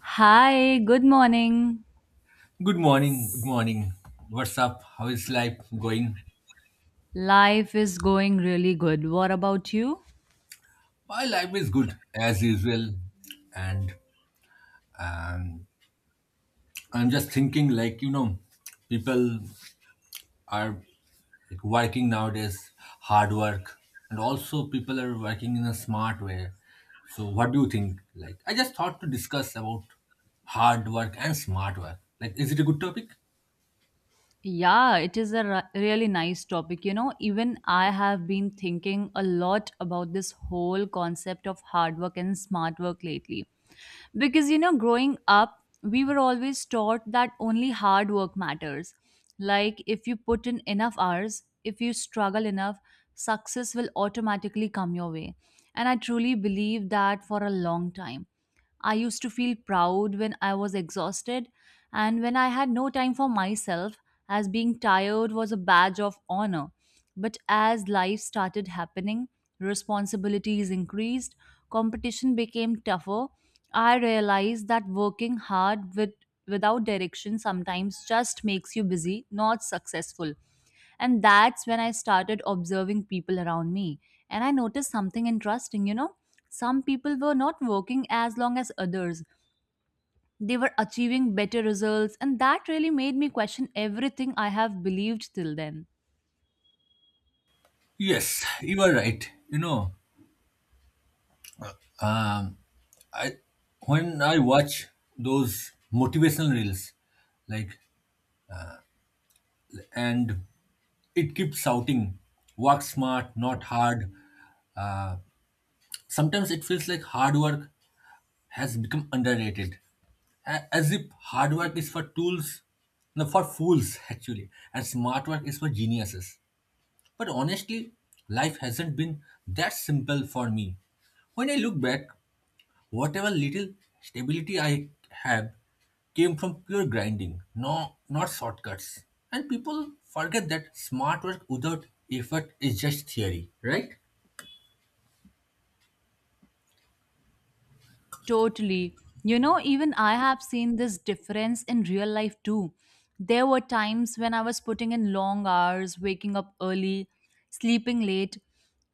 Hi, good morning. Good morning. Good morning. What's up? How is life going? Life is going really good. What about you? My life is good as usual, and um, I'm just thinking like people are like working nowadays, hard work, and also people are working in a smart way. So what do you think? Like I just thought to discuss about hard work and smart work. Like is it a good topic? Yeah, it is a really nice topic. You know, even I have been thinking a lot about this whole concept of hard work and smart work lately. Because, you know, growing up, we were always taught that only hard work matters. Like, if you put in enough hours, if you struggle enough, success will automatically come your way. And I truly believe that for a long time I used to feel proud when I was exhausted and when I had no time for myself, as being tired was a badge of honor. But as life started happening, responsibilities increased, competition became tougher. I realized that working hard without direction sometimes just makes you busy, not successful. And that's when I started observing people around me. And I noticed something interesting, you know. Some people were not working as long as others, they were achieving better results, and that really made me question everything I have believed till then. Yes, you are right. You know, I when I watch those motivational reels, like and it keeps shouting, "Work smart, not hard." Uh, sometimes it feels like hard work has become underrated, as if hard work is for tools, no, for fools actually, and smart work is for geniuses. But honestly, life hasn't been that simple for me. When I look back, whatever little stability I have came from pure grinding, no, not shortcuts. And people forget that smart work without effort is just theory, right? Totally. You know, even I have seen this difference in real life too. There were times when I was putting in long hours, waking up early, sleeping late,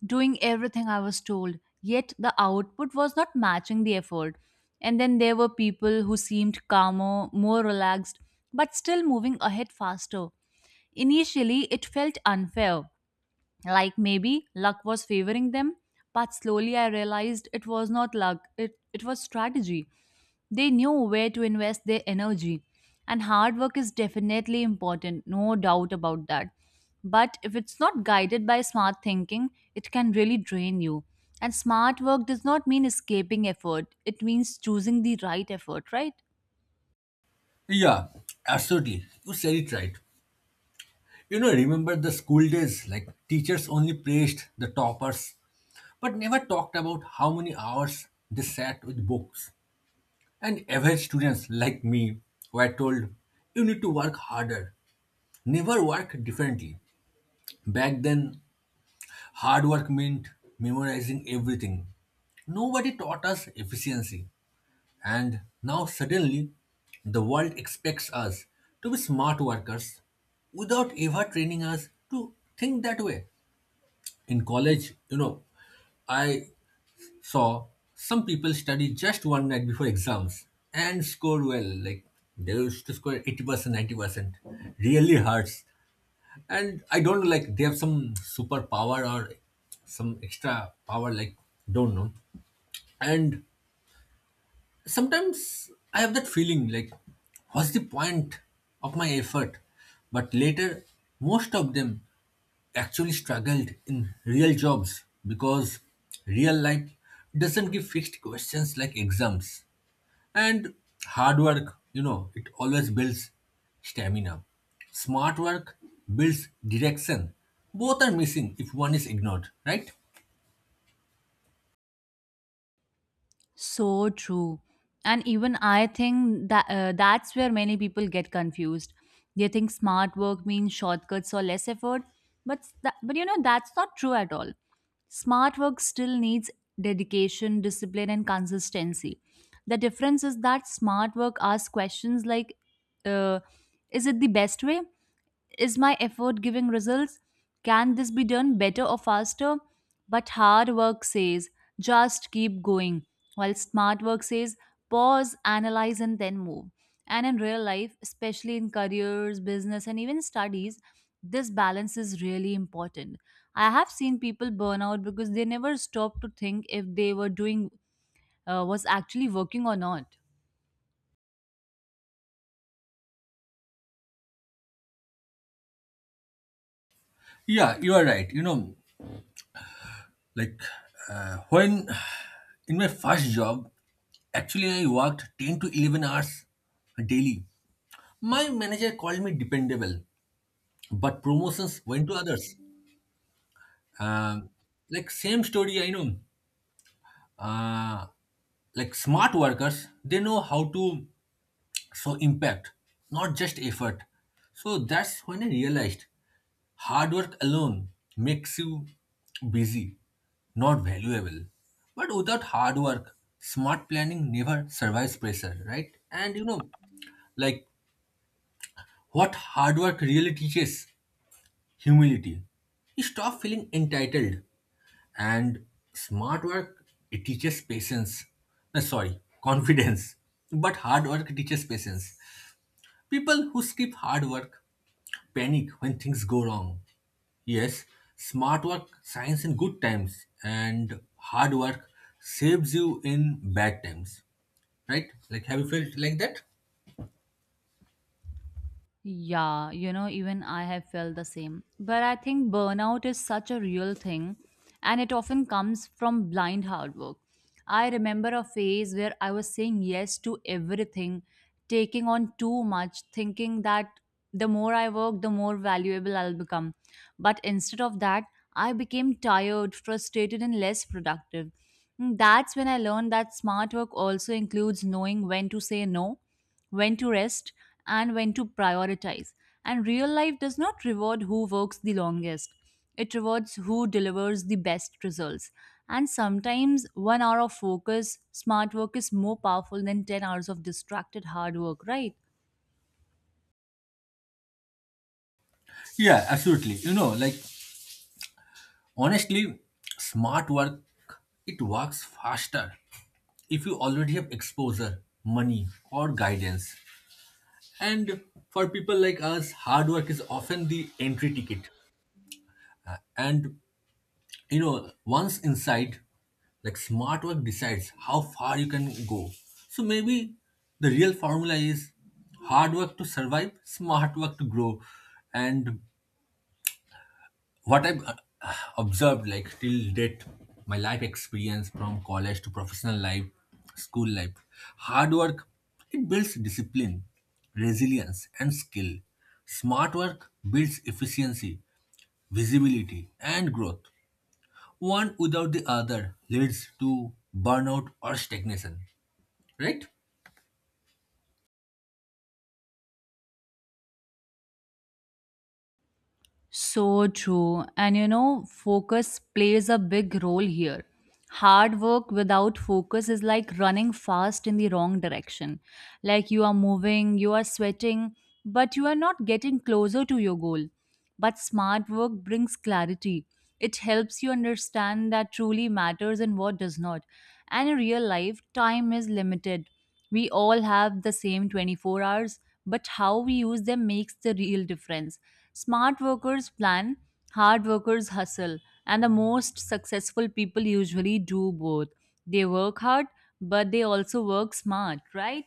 doing everything I was told, yet the output was not matching the effort. And then there were people who seemed calmer, more relaxed, but still moving ahead faster. Initially, it felt unfair, like maybe luck was favoring them, but slowly I realized it was not luck, it was strategy. They knew where to invest their energy, and hard work is definitely important, no doubt about that. But if it's not guided by smart thinking, it can really drain you. And smart work does not mean escaping effort, it means choosing the right effort, right? Yeah, absolutely. You said it right. Remember the school days, like teachers only praised the toppers, but never talked about how many hours they sat with books. And average students like me were told, you need to work harder, never work differently. Back then, hard work meant memorizing everything. Nobody taught us efficiency. And now suddenly, the world expects us to be smart workers without ever training us to think that way. In college, I saw some people study just one night before exams and score well. Like they used to score 80%, 90%. Really hurts, and I don't know, like they have some superpower or some extra power, like don't know. And sometimes I have that feeling like, what's the point of my effort? But later, most of them actually struggled in real jobs because real life doesn't give fixed questions like exams. And hard work, it always builds stamina. Smart work builds direction. Both are missing if one is ignored, right? So true. And even I think that that's where many people get confused. They think smart work means shortcuts or less effort, but you know that's not true at all. Smart work still needs dedication, discipline and consistency. The difference is that smart work asks questions like uh, is it the best way? Is my effort giving results? Can this be done better or faster? But hard work says, just keep going, while smart work says, pause, analyze, and then move. And in real life, especially in careers, business, and even studies, this balance is really important. I have seen people burn out because they never stop to think if they were doing, was actually working or not. Yeah, you are right. You know, like when in my first job, actually I worked 10 to 11 hours daily. My manager called me dependable, but promotions went to others. Um, like same story, I know. Uh, like smart workers, they know how to so impact, not just effort. So that's when I realized hard work alone makes you busy, not valuable. But without hard work, smart planning never survives pressure, right? And like what hard work really teaches humility. You stop feeling entitled, and smart work, it teaches patience. No, sorry, confidence. But hard work teaches patience. People who skip hard work panic when things go wrong. Yes, smart work shines in good times and hard work saves you in bad times. Right? Like, have you felt like that? Yeah, you know, even I have felt the same. But I think burnout is such a real thing and it often comes from blind hard work. I remember a phase where I was saying yes to everything, taking on too much, thinking that the more I work, the more valuable I'll become. But instead of that, I became tired, frustrated, and less productive. Hmm. That's when I learned that smart work also includes knowing when to say no, when to rest, and when to prioritize. And real life does not reward who works the longest, it rewards who delivers the best results. And sometimes 1 hour of focus, smart work is more powerful than 10 hours of distracted hard work, right? Yeah, absolutely. Like, honestly, smart work, it works faster if you already have exposure, money, or guidance. And for people like us, hard work is often the entry ticket. And once inside, like smart work decides how far you can go. So maybe the real formula is hard work to survive, smart work to grow. And what I've observed, like till date, my life experience from college to professional life, school life, hard work, it builds discipline, resilience, and skill. Smart work builds efficiency, visibility, and growth. One without the other leads to burnout or stagnation, right? So true. And you know, focus plays a big role here. Hard work without focus is like running fast in the wrong direction. Like you are moving, you are sweating, but you are not getting closer to your goal. But smart work brings clarity. It helps you understand that truly matters and what does not. And in real life, time is limited. We all have the same 24 hours, but how we use them makes the real difference. Smart workers plan, hard workers hustle, and the most successful people usually do both. They work hard, but they also work smart, right?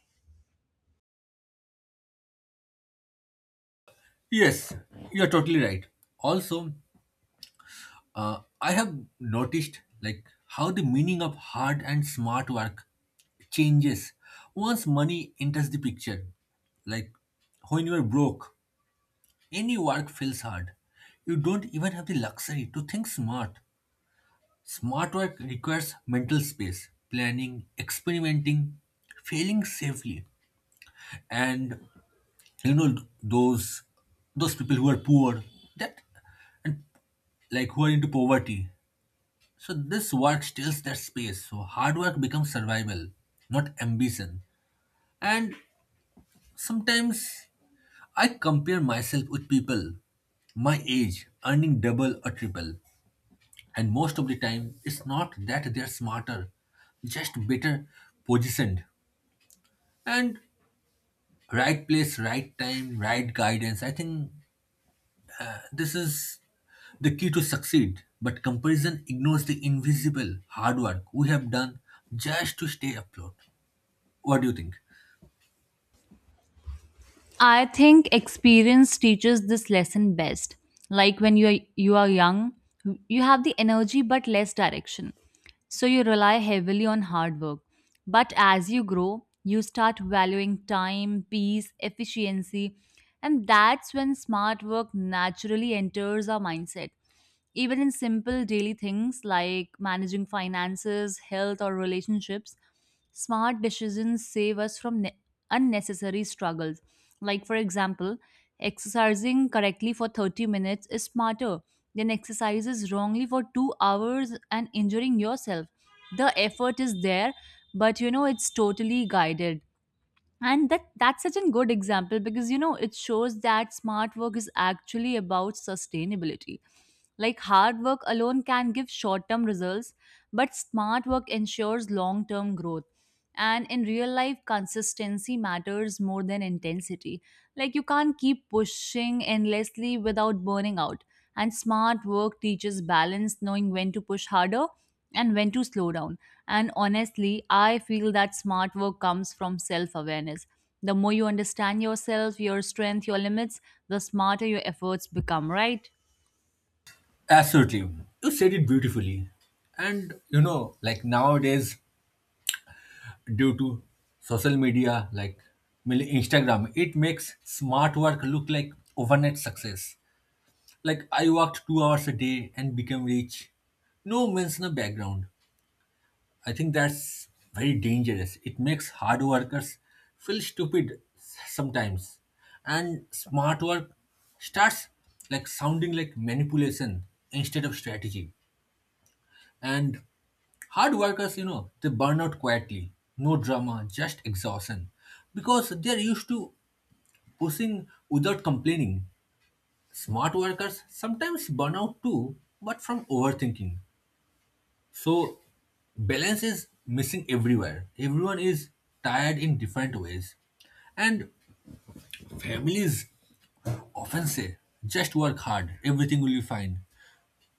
Yes, you're totally right. Also, I have noticed like how the meaning of hard and smart work changes once money enters the picture. Like when you are broke, any work feels hard. You don't even have the luxury to think smart. Smart work requires mental space, planning, experimenting, failing safely, and you know those those people who are poor, that and like who are into poverty, so this work steals their space. So hard work becomes survival, not ambition. And sometimes I compare myself with people my age earning double or triple, and most of the time it's not that they're smarter, just better positioned. And right place, right time, right guidance, I think this is the key to succeed, but comparison ignores the invisible hard work we have done just to stay afloat. What do you think? I think experience teaches this lesson best. Like when you are young, you have the energy but less direction. So you rely heavily on hard work. But as you grow, you start valuing time, peace, efficiency, and that's when smart work naturally enters our mindset. Even in simple daily things like managing finances, health, or relationships, smart decisions save us from unnecessary struggles. Like, for example, exercising correctly for 30 minutes is smarter than exercises wrongly for 2 hours and injuring yourself. The effort is there, but you know, it's totally guided. And that's such a good example because you know it shows that smart work is actually about sustainability. Like hard work alone can give short term results, but smart work ensures long term growth. And in real life, consistency matters more than intensity. Like you can't keep pushing endlessly without burning out, and smart work teaches balance, knowing when to push harder and when to slow down. And honestly, I feel that smart work comes from self awareness. The more you understand yourself, your strength, your limits, the smarter your efforts become, right? Absolutely. You said it beautifully. And like nowadays, due to social media, like mainly Instagram, it makes smart work look like overnight success. Like I worked 2 hours a day and became rich. No mention of background. I think that's very dangerous. It makes hard workers feel stupid sometimes, and smart work starts like sounding like manipulation instead of strategy. And hard workers, they burn out quietly. No drama, just exhaustion, because they're used to pushing without complaining. Smart workers sometimes burn out too, but from overthinking. So balance is missing everywhere. Everyone is tired in different ways. And families often say, just work hard, everything will be fine.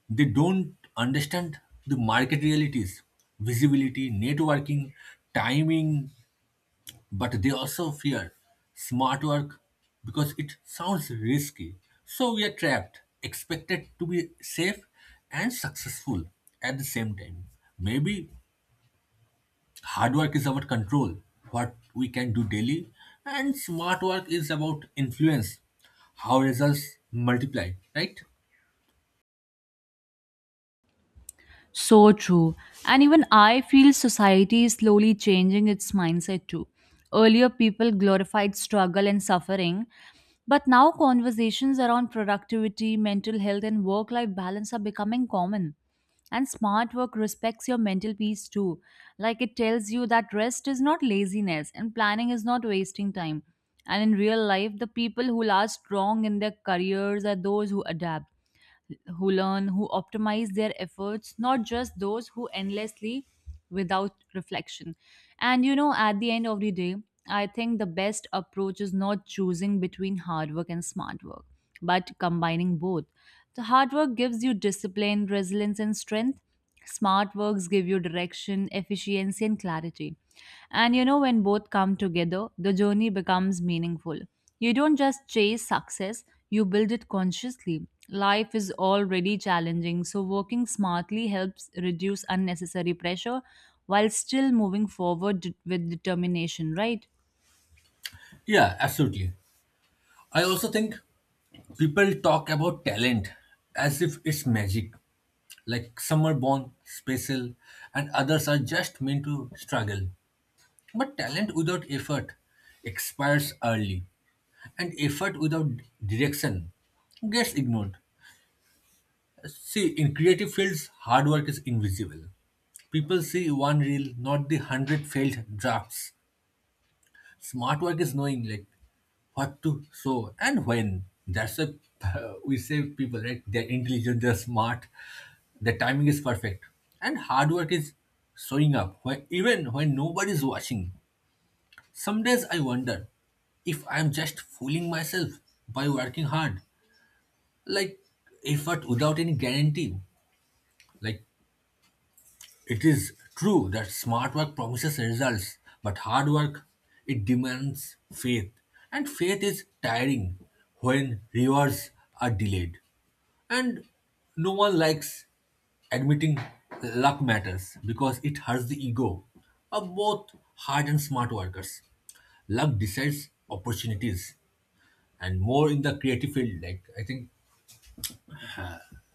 They don't understand the market realities, visibility, networking, timing, but they also fear smart work because it sounds risky. So we are trapped, expected to be safe and successful at the same time. Maybe hard work is about control, what we can do daily, and smart work is about influence, how results multiply, right? So true. And even I feel society is slowly changing its mindset too. Earlier, people glorified struggle and suffering, but now conversations around productivity, mental health, and work life balance are becoming common. And smart work respects your mental peace too. Like it tells you that rest is not laziness and planning is not wasting time. And in real life, the people who last strong in their careers are those who adapt, who learn, who optimize their efforts, not just those who endlessly without reflection. And you know, at the end of the day, I think the best approach is not choosing between hard work and smart work, but combining both. The hard work gives you discipline, resilience, and strength. Smart works give you direction, efficiency, and clarity. And you know, when both come together, the journey becomes meaningful. You don't just chase success, you build it consciously. Life is already challenging, so working smartly helps reduce unnecessary pressure while still moving forward with determination, right? Yeah, absolutely. I also think people talk about talent as if it's magic, like some are born special and others are just meant to struggle. But talent without effort expires early, and effort without direction gets ignored. See, in creative fields, hard work is invisible. People see one reel, not the hundred failed drafts. Smart work is knowing like what to sow and when. That's a we say people, right? They're intelligent, they're smart, the timing is perfect, and hard work is showing up when, even when nobody's watching. Some days I wonder if I'm just fooling myself by working hard, like effort without any guarantee, like it is true that smart work promises results, but hard work, it demands faith, and faith is tiring when rewards are delayed. And no one likes admitting luck matters because it hurts the ego of both hard and smart workers. Luck decides opportunities, and more in the creative field. Like I think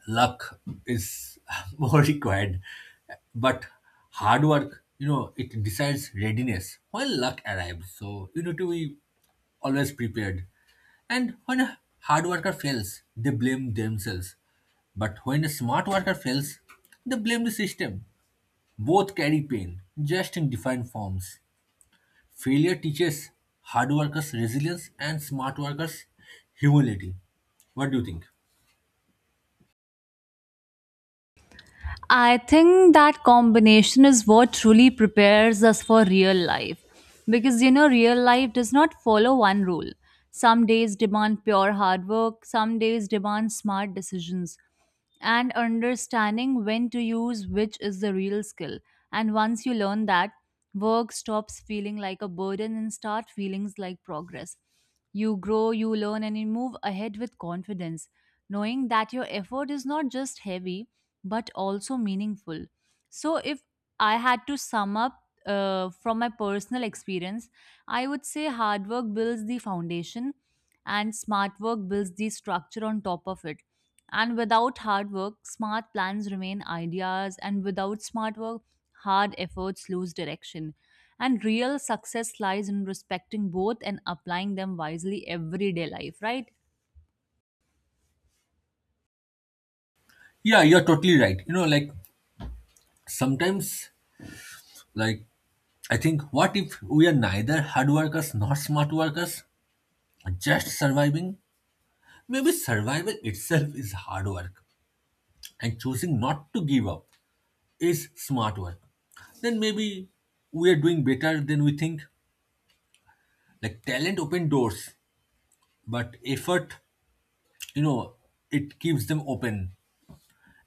luck is more required. But hard work, it decides readiness when luck arrives, so you need to be always prepared. And when a hard worker fails, they blame themselves, but when a smart worker fails, they blame the system. Both carry pain, just in different forms. Failure teaches hard workers resilience and smart workers humility. What do you think? I think that combination is what truly prepares us for real life. Because, you know, real life does not follow one rule. Some days demand pure hard work, some days demand smart decisions. And understanding when to use which is the real skill. And once you learn that, work stops feeling like a burden and start feeling like progress. You grow, you learn, and you move ahead with confidence, knowing that your effort is not just heavy but also meaningful. So, if I had to sum up from my personal experience, I would say hard work builds the foundation and smart work builds the structure on top of it. And without hard work, smart plans remain ideas, and without smart work, hard efforts lose direction. And real success lies in respecting both and applying them wisely everyday life, right? Yeah, you're totally right. Like sometimes, like I think what if we are neither hard workers nor smart workers, just surviving? Maybe survival itself is hard work, and choosing not to give up is smart work. Then maybe we are doing better than we think. Like talent open doors, but effort, you know it keeps them open.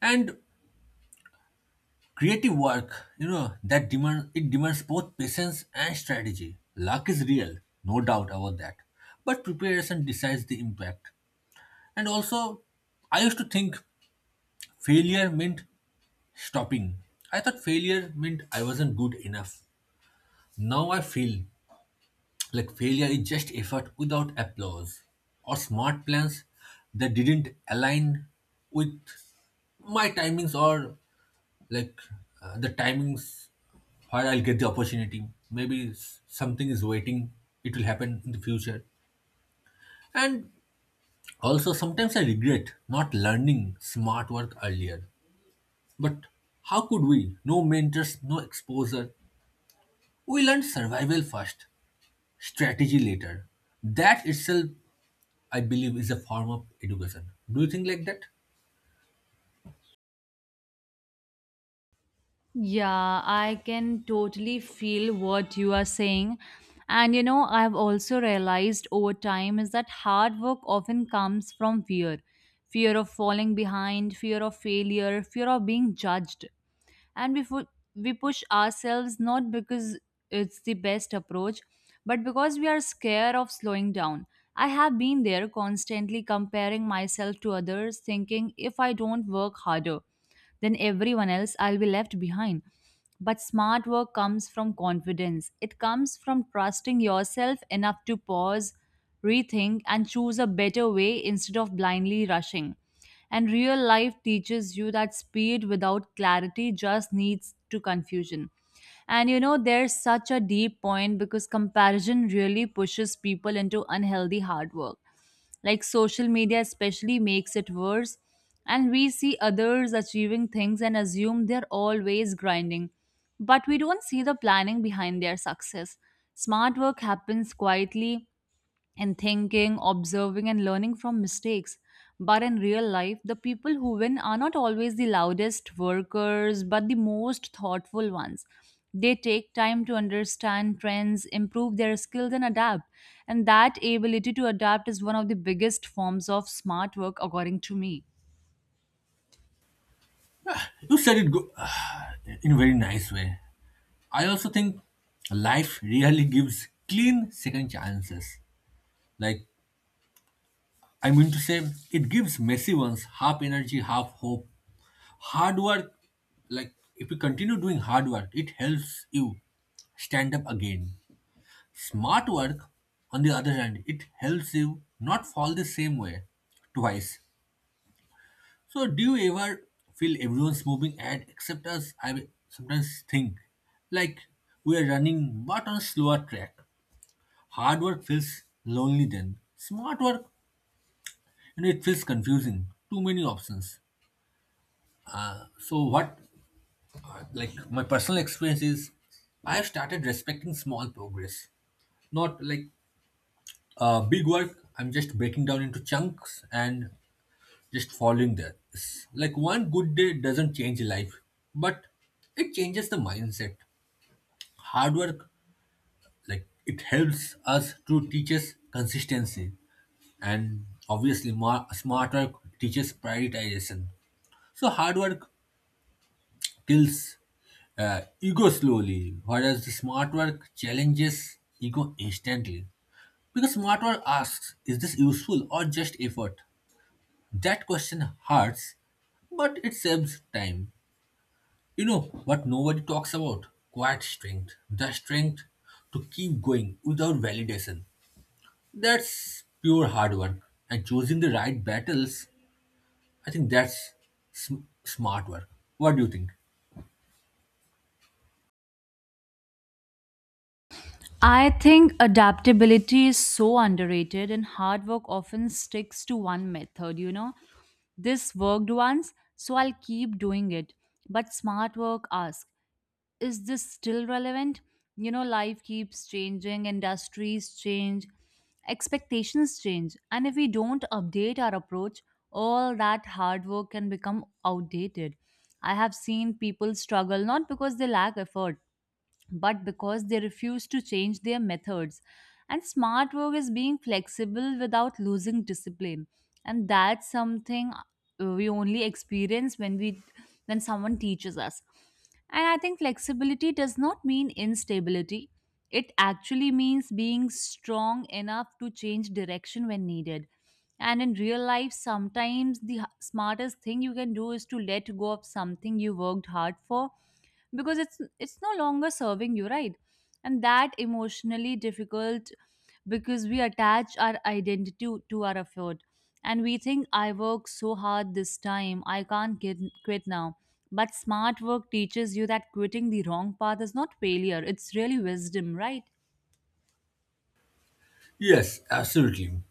And creative work, that demand it demands both patience and strategy. Luck is real, no doubt about that. But preparation decides the impact. And also, I used to think failure meant stopping. I thought failure meant I wasn't good enough. Now I feel like failure is just effort without applause or smart plans that didn't align with my timings, or like the timings where I'll get the opportunity. Maybe something is waiting, it will happen in the future. And also, sometimes I regret not learning smart work earlier. But how could we? No mentors, no exposure. We learned survival first, strategy later. That itself, I believe, is a form of education. Do you think like that? Yeah, I can totally feel what you are saying. And you know, I've also realized over time is that hard work often comes from fear, fear of falling behind, fear of failure, fear of being judged, and we push ourselves not because it's the best approach but because we are scared of slowing down. I have been there constantly comparing myself to others, thinking if I don't work harder then everyone else, I'll be left behind. But smart work comes from confidence. It comes from trusting yourself enough to pause, rethink, and choose a better way instead of blindly rushing. And real life teaches you that speed without clarity just leads to confusion. And you know, there's such a deep point because comparison really pushes people into unhealthy hard work. Like social media, especially, makes it worse. And we see others achieving things and assume they're always grinding. But we don't see the planning behind their success. Smart work happens quietly in thinking, observing, and learning from mistakes. But in real life, the people who win are not always the loudest workers, but the most thoughtful ones. They take time to understand trends, improve their skills, and adapt. And that ability to adapt is one of the biggest forms of smart work, according to me. You said it in a very nice way. I also think life really gives clean second chances. Like, I mean to say, it gives messy ones, half energy, half hope. Hard work, like, if you continue doing hard work, it helps you stand up again. Smart work, on the other hand, it helps you not fall the same way twice. So, do you ever feel everyone's moving ahead except us? I sometimes think like we are running but on a slower track. Hard work feels lonely then. Smart work, it feels confusing. Too many options. So, what like my personal experience is, I have started respecting small progress, not like big work. I'm just breaking down into chunks and just following there. It's like one good day doesn't change life, but it changes the mindset. Hard work, like it helps us to teaches consistency, and obviously, smart work teaches prioritization. So hard work kills ego slowly, whereas the smart work challenges ego instantly. Because smart work asks, is this useful or just effort? That question hurts, but it saves time. You know what nobody talks about? Quiet strength. The strength to keep going without validation. That's pure hard work. And choosing the right battles, I think that's smart work. What do you think? I think adaptability is so underrated, and hard work often sticks to one method. You know, this worked once, so I'll keep doing it. But smart work asks, is this still relevant? You know, life keeps changing, industries change, expectations change, and if we don't update our approach, all that hard work can become outdated. I have seen people struggle not because they lack effort but because they refuse to change their methods. And smart work is being flexible without losing discipline. And that's something we only experience when someone teaches us. And I think flexibility does not mean instability. It actually means being strong enough to change direction when needed. And in real life, sometimes the smartest thing you can do is to let go of something you worked hard for, because it's no longer serving you, right? And that emotionally difficult, because we attach our identity to our effort, and we think I work so hard this time, I can't quit now. But smart work teaches you that quitting the wrong path is not failure, it's really wisdom, right? Yes, absolutely.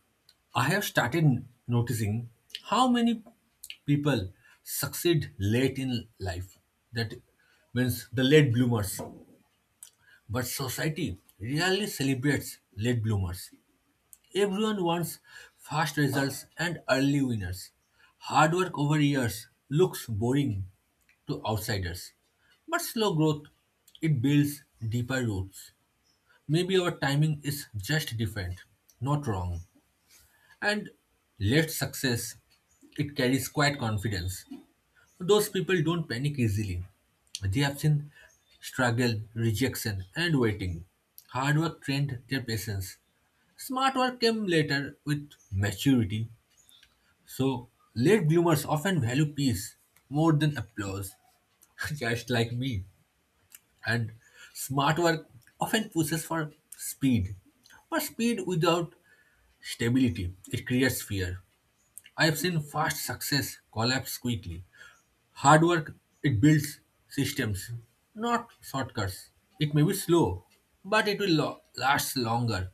I have started noticing how many people succeed late in life. That means the late bloomers. But society really celebrates late bloomers. Everyone wants fast results and early winners. Hard work over years looks boring to outsiders. But slow growth, it builds deeper roots. Maybe our timing is just different, not wrong. And late success, it carries quiet confidence. Those people don't panic easily. They have seen struggle, rejection, and waiting. Hard work trained their patience. Smart work came later with maturity, so late bloomers often value peace more than applause, just like me. And smart work often pushes for speed, but speed without stability, it creates fear. I have seen fast success collapse quickly. Hard work, it builds systems, not shortcuts. It may be slow, but it will last longer.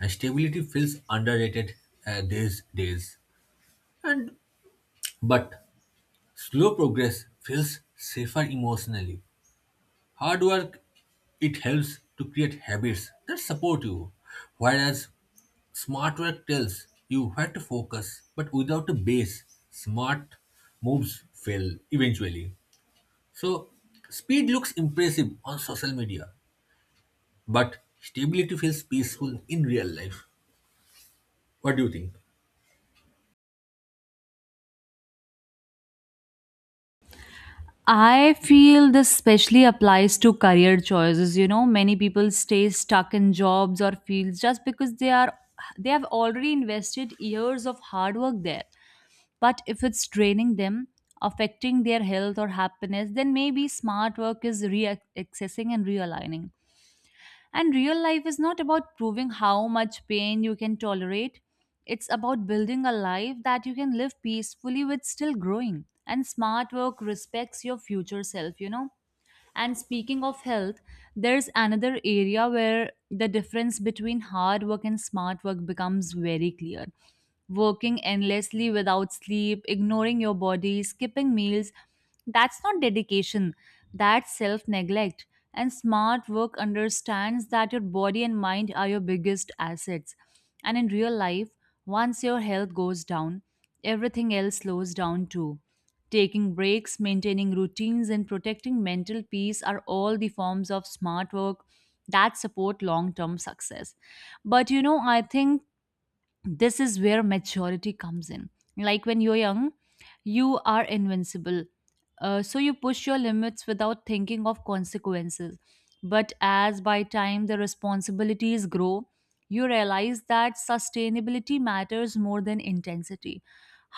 And stability feels underrated these days. And but slow progress feels safer emotionally. Hard work, it helps to create habits that support you, whereas smart work tells you where to focus. But without a base, smart moves fail eventually. So speed looks impressive on social media, but stability feels peaceful in real life. What do you think? I feel this especially applies to career choices. You know, many people stay stuck in jobs or fields just because they have already invested years of hard work there. But if it's draining them, affecting their health or happiness, then maybe smart work is re-accessing and realigning. And real life is not about proving how much pain you can tolerate. It's about building a life that you can live peacefully with still growing. And smart work respects your future self, you know. And speaking of health, there's another area where the difference between hard work and smart work becomes very clear. Working endlessly without sleep, ignoring your body, skipping meals, that's not dedication, that's self neglect. And smart work understands that your body and mind are your biggest assets. And in real life, once your health goes down, everything else slows down too. Taking breaks, maintaining routines, and protecting mental peace are all the forms of smart work that support long term success. But you know, I think this is where maturity comes in. Like when you're young you are invincible, so you push your limits without thinking of consequences. But as by time the responsibilities grow, you realize that sustainability matters more than intensity.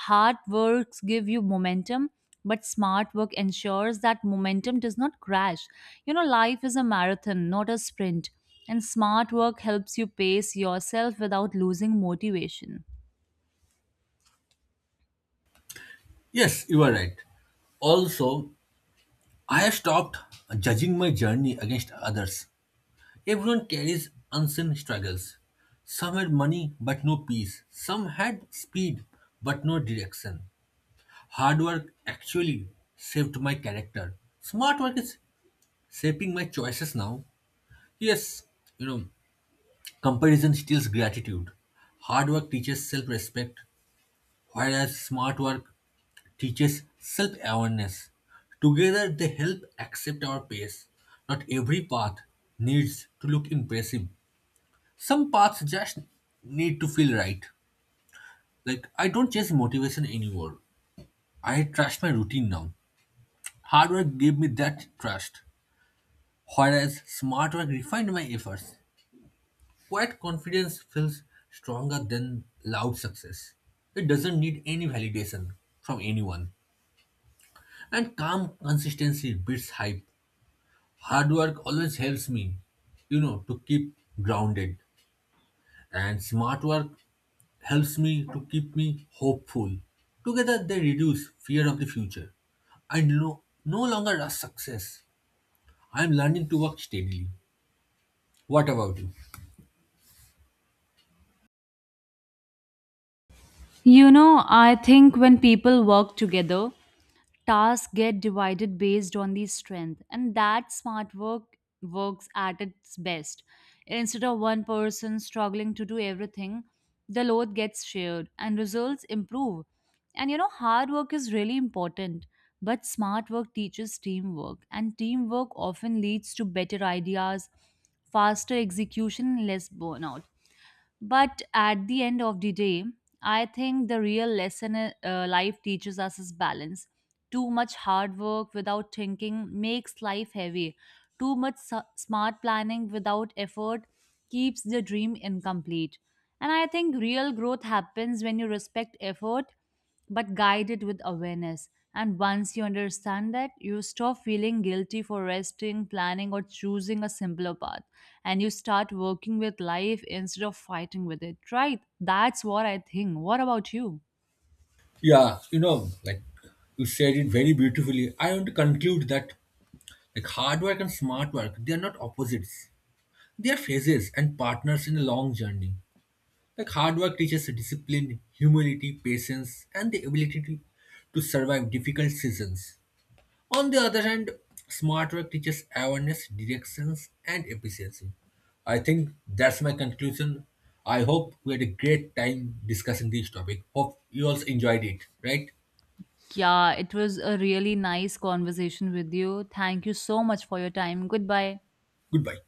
Hard works give you momentum, but smart work ensures that momentum does not crash. You know, life is a marathon, not a sprint, and smart work helps you pace yourself without losing motivation. Yes, you are right. Also, I have stopped judging my journey against others. Everyone carries unseen struggles. Some had money but no peace. Some had speed but no direction. Hard work actually shaped my character. Smart work is shaping my choices now. Yes, you know, comparison steals gratitude. Hard work teaches self respect, whereas smart work teaches self awareness. Together, they help accept our pace. Not every path needs to look impressive. Some paths just need to feel right. Like, I don't chase motivation anymore. I trust my routine now. Hard work gave me that trust, whereas smart work refined my efforts. Quiet confidence feels stronger than loud success. It doesn't need any validation from anyone. And calm consistency beats hype. Hard work always helps me, to keep grounded, and smart work helps me to keep me hopeful. Together, they reduce fear of the future. I no longer rush success. I'm learning to work steadily. What about you? You know, I think when people work together, tasks get divided based on the strength and that smart work works at its best. Instead of one person struggling to do everything, the load gets shared and results improve. And you know hard work is really important, but smart work teaches teamwork, and teamwork often leads to better ideas, faster execution and less burnout. But at the end of the day, I think the real lesson life teaches us is balance. Too much hard work without thinking makes life heavy. Too much smart planning without effort keeps the dream incomplete. And I think real growth happens when you respect effort but guided with awareness. And once you understand that, you stop feeling guilty for resting, planning, or choosing a simpler path. And you start working with life instead of fighting with it, right? That's what I think. What about you? Yeah, like you said it very beautifully. I want to conclude that like hard work and smart work, they are not opposites. They are phases and partners in a long journey. Like hard work teaches discipline, humility, patience, and the ability to survive difficult seasons. On the other hand, smart work teaches awareness, directions, and efficiency. I think that's my conclusion. I hope we had a great time discussing this topic. Hope you also enjoyed it, right? Yeah, it was a really nice conversation with you. Thank you so much for your time. Goodbye. Goodbye.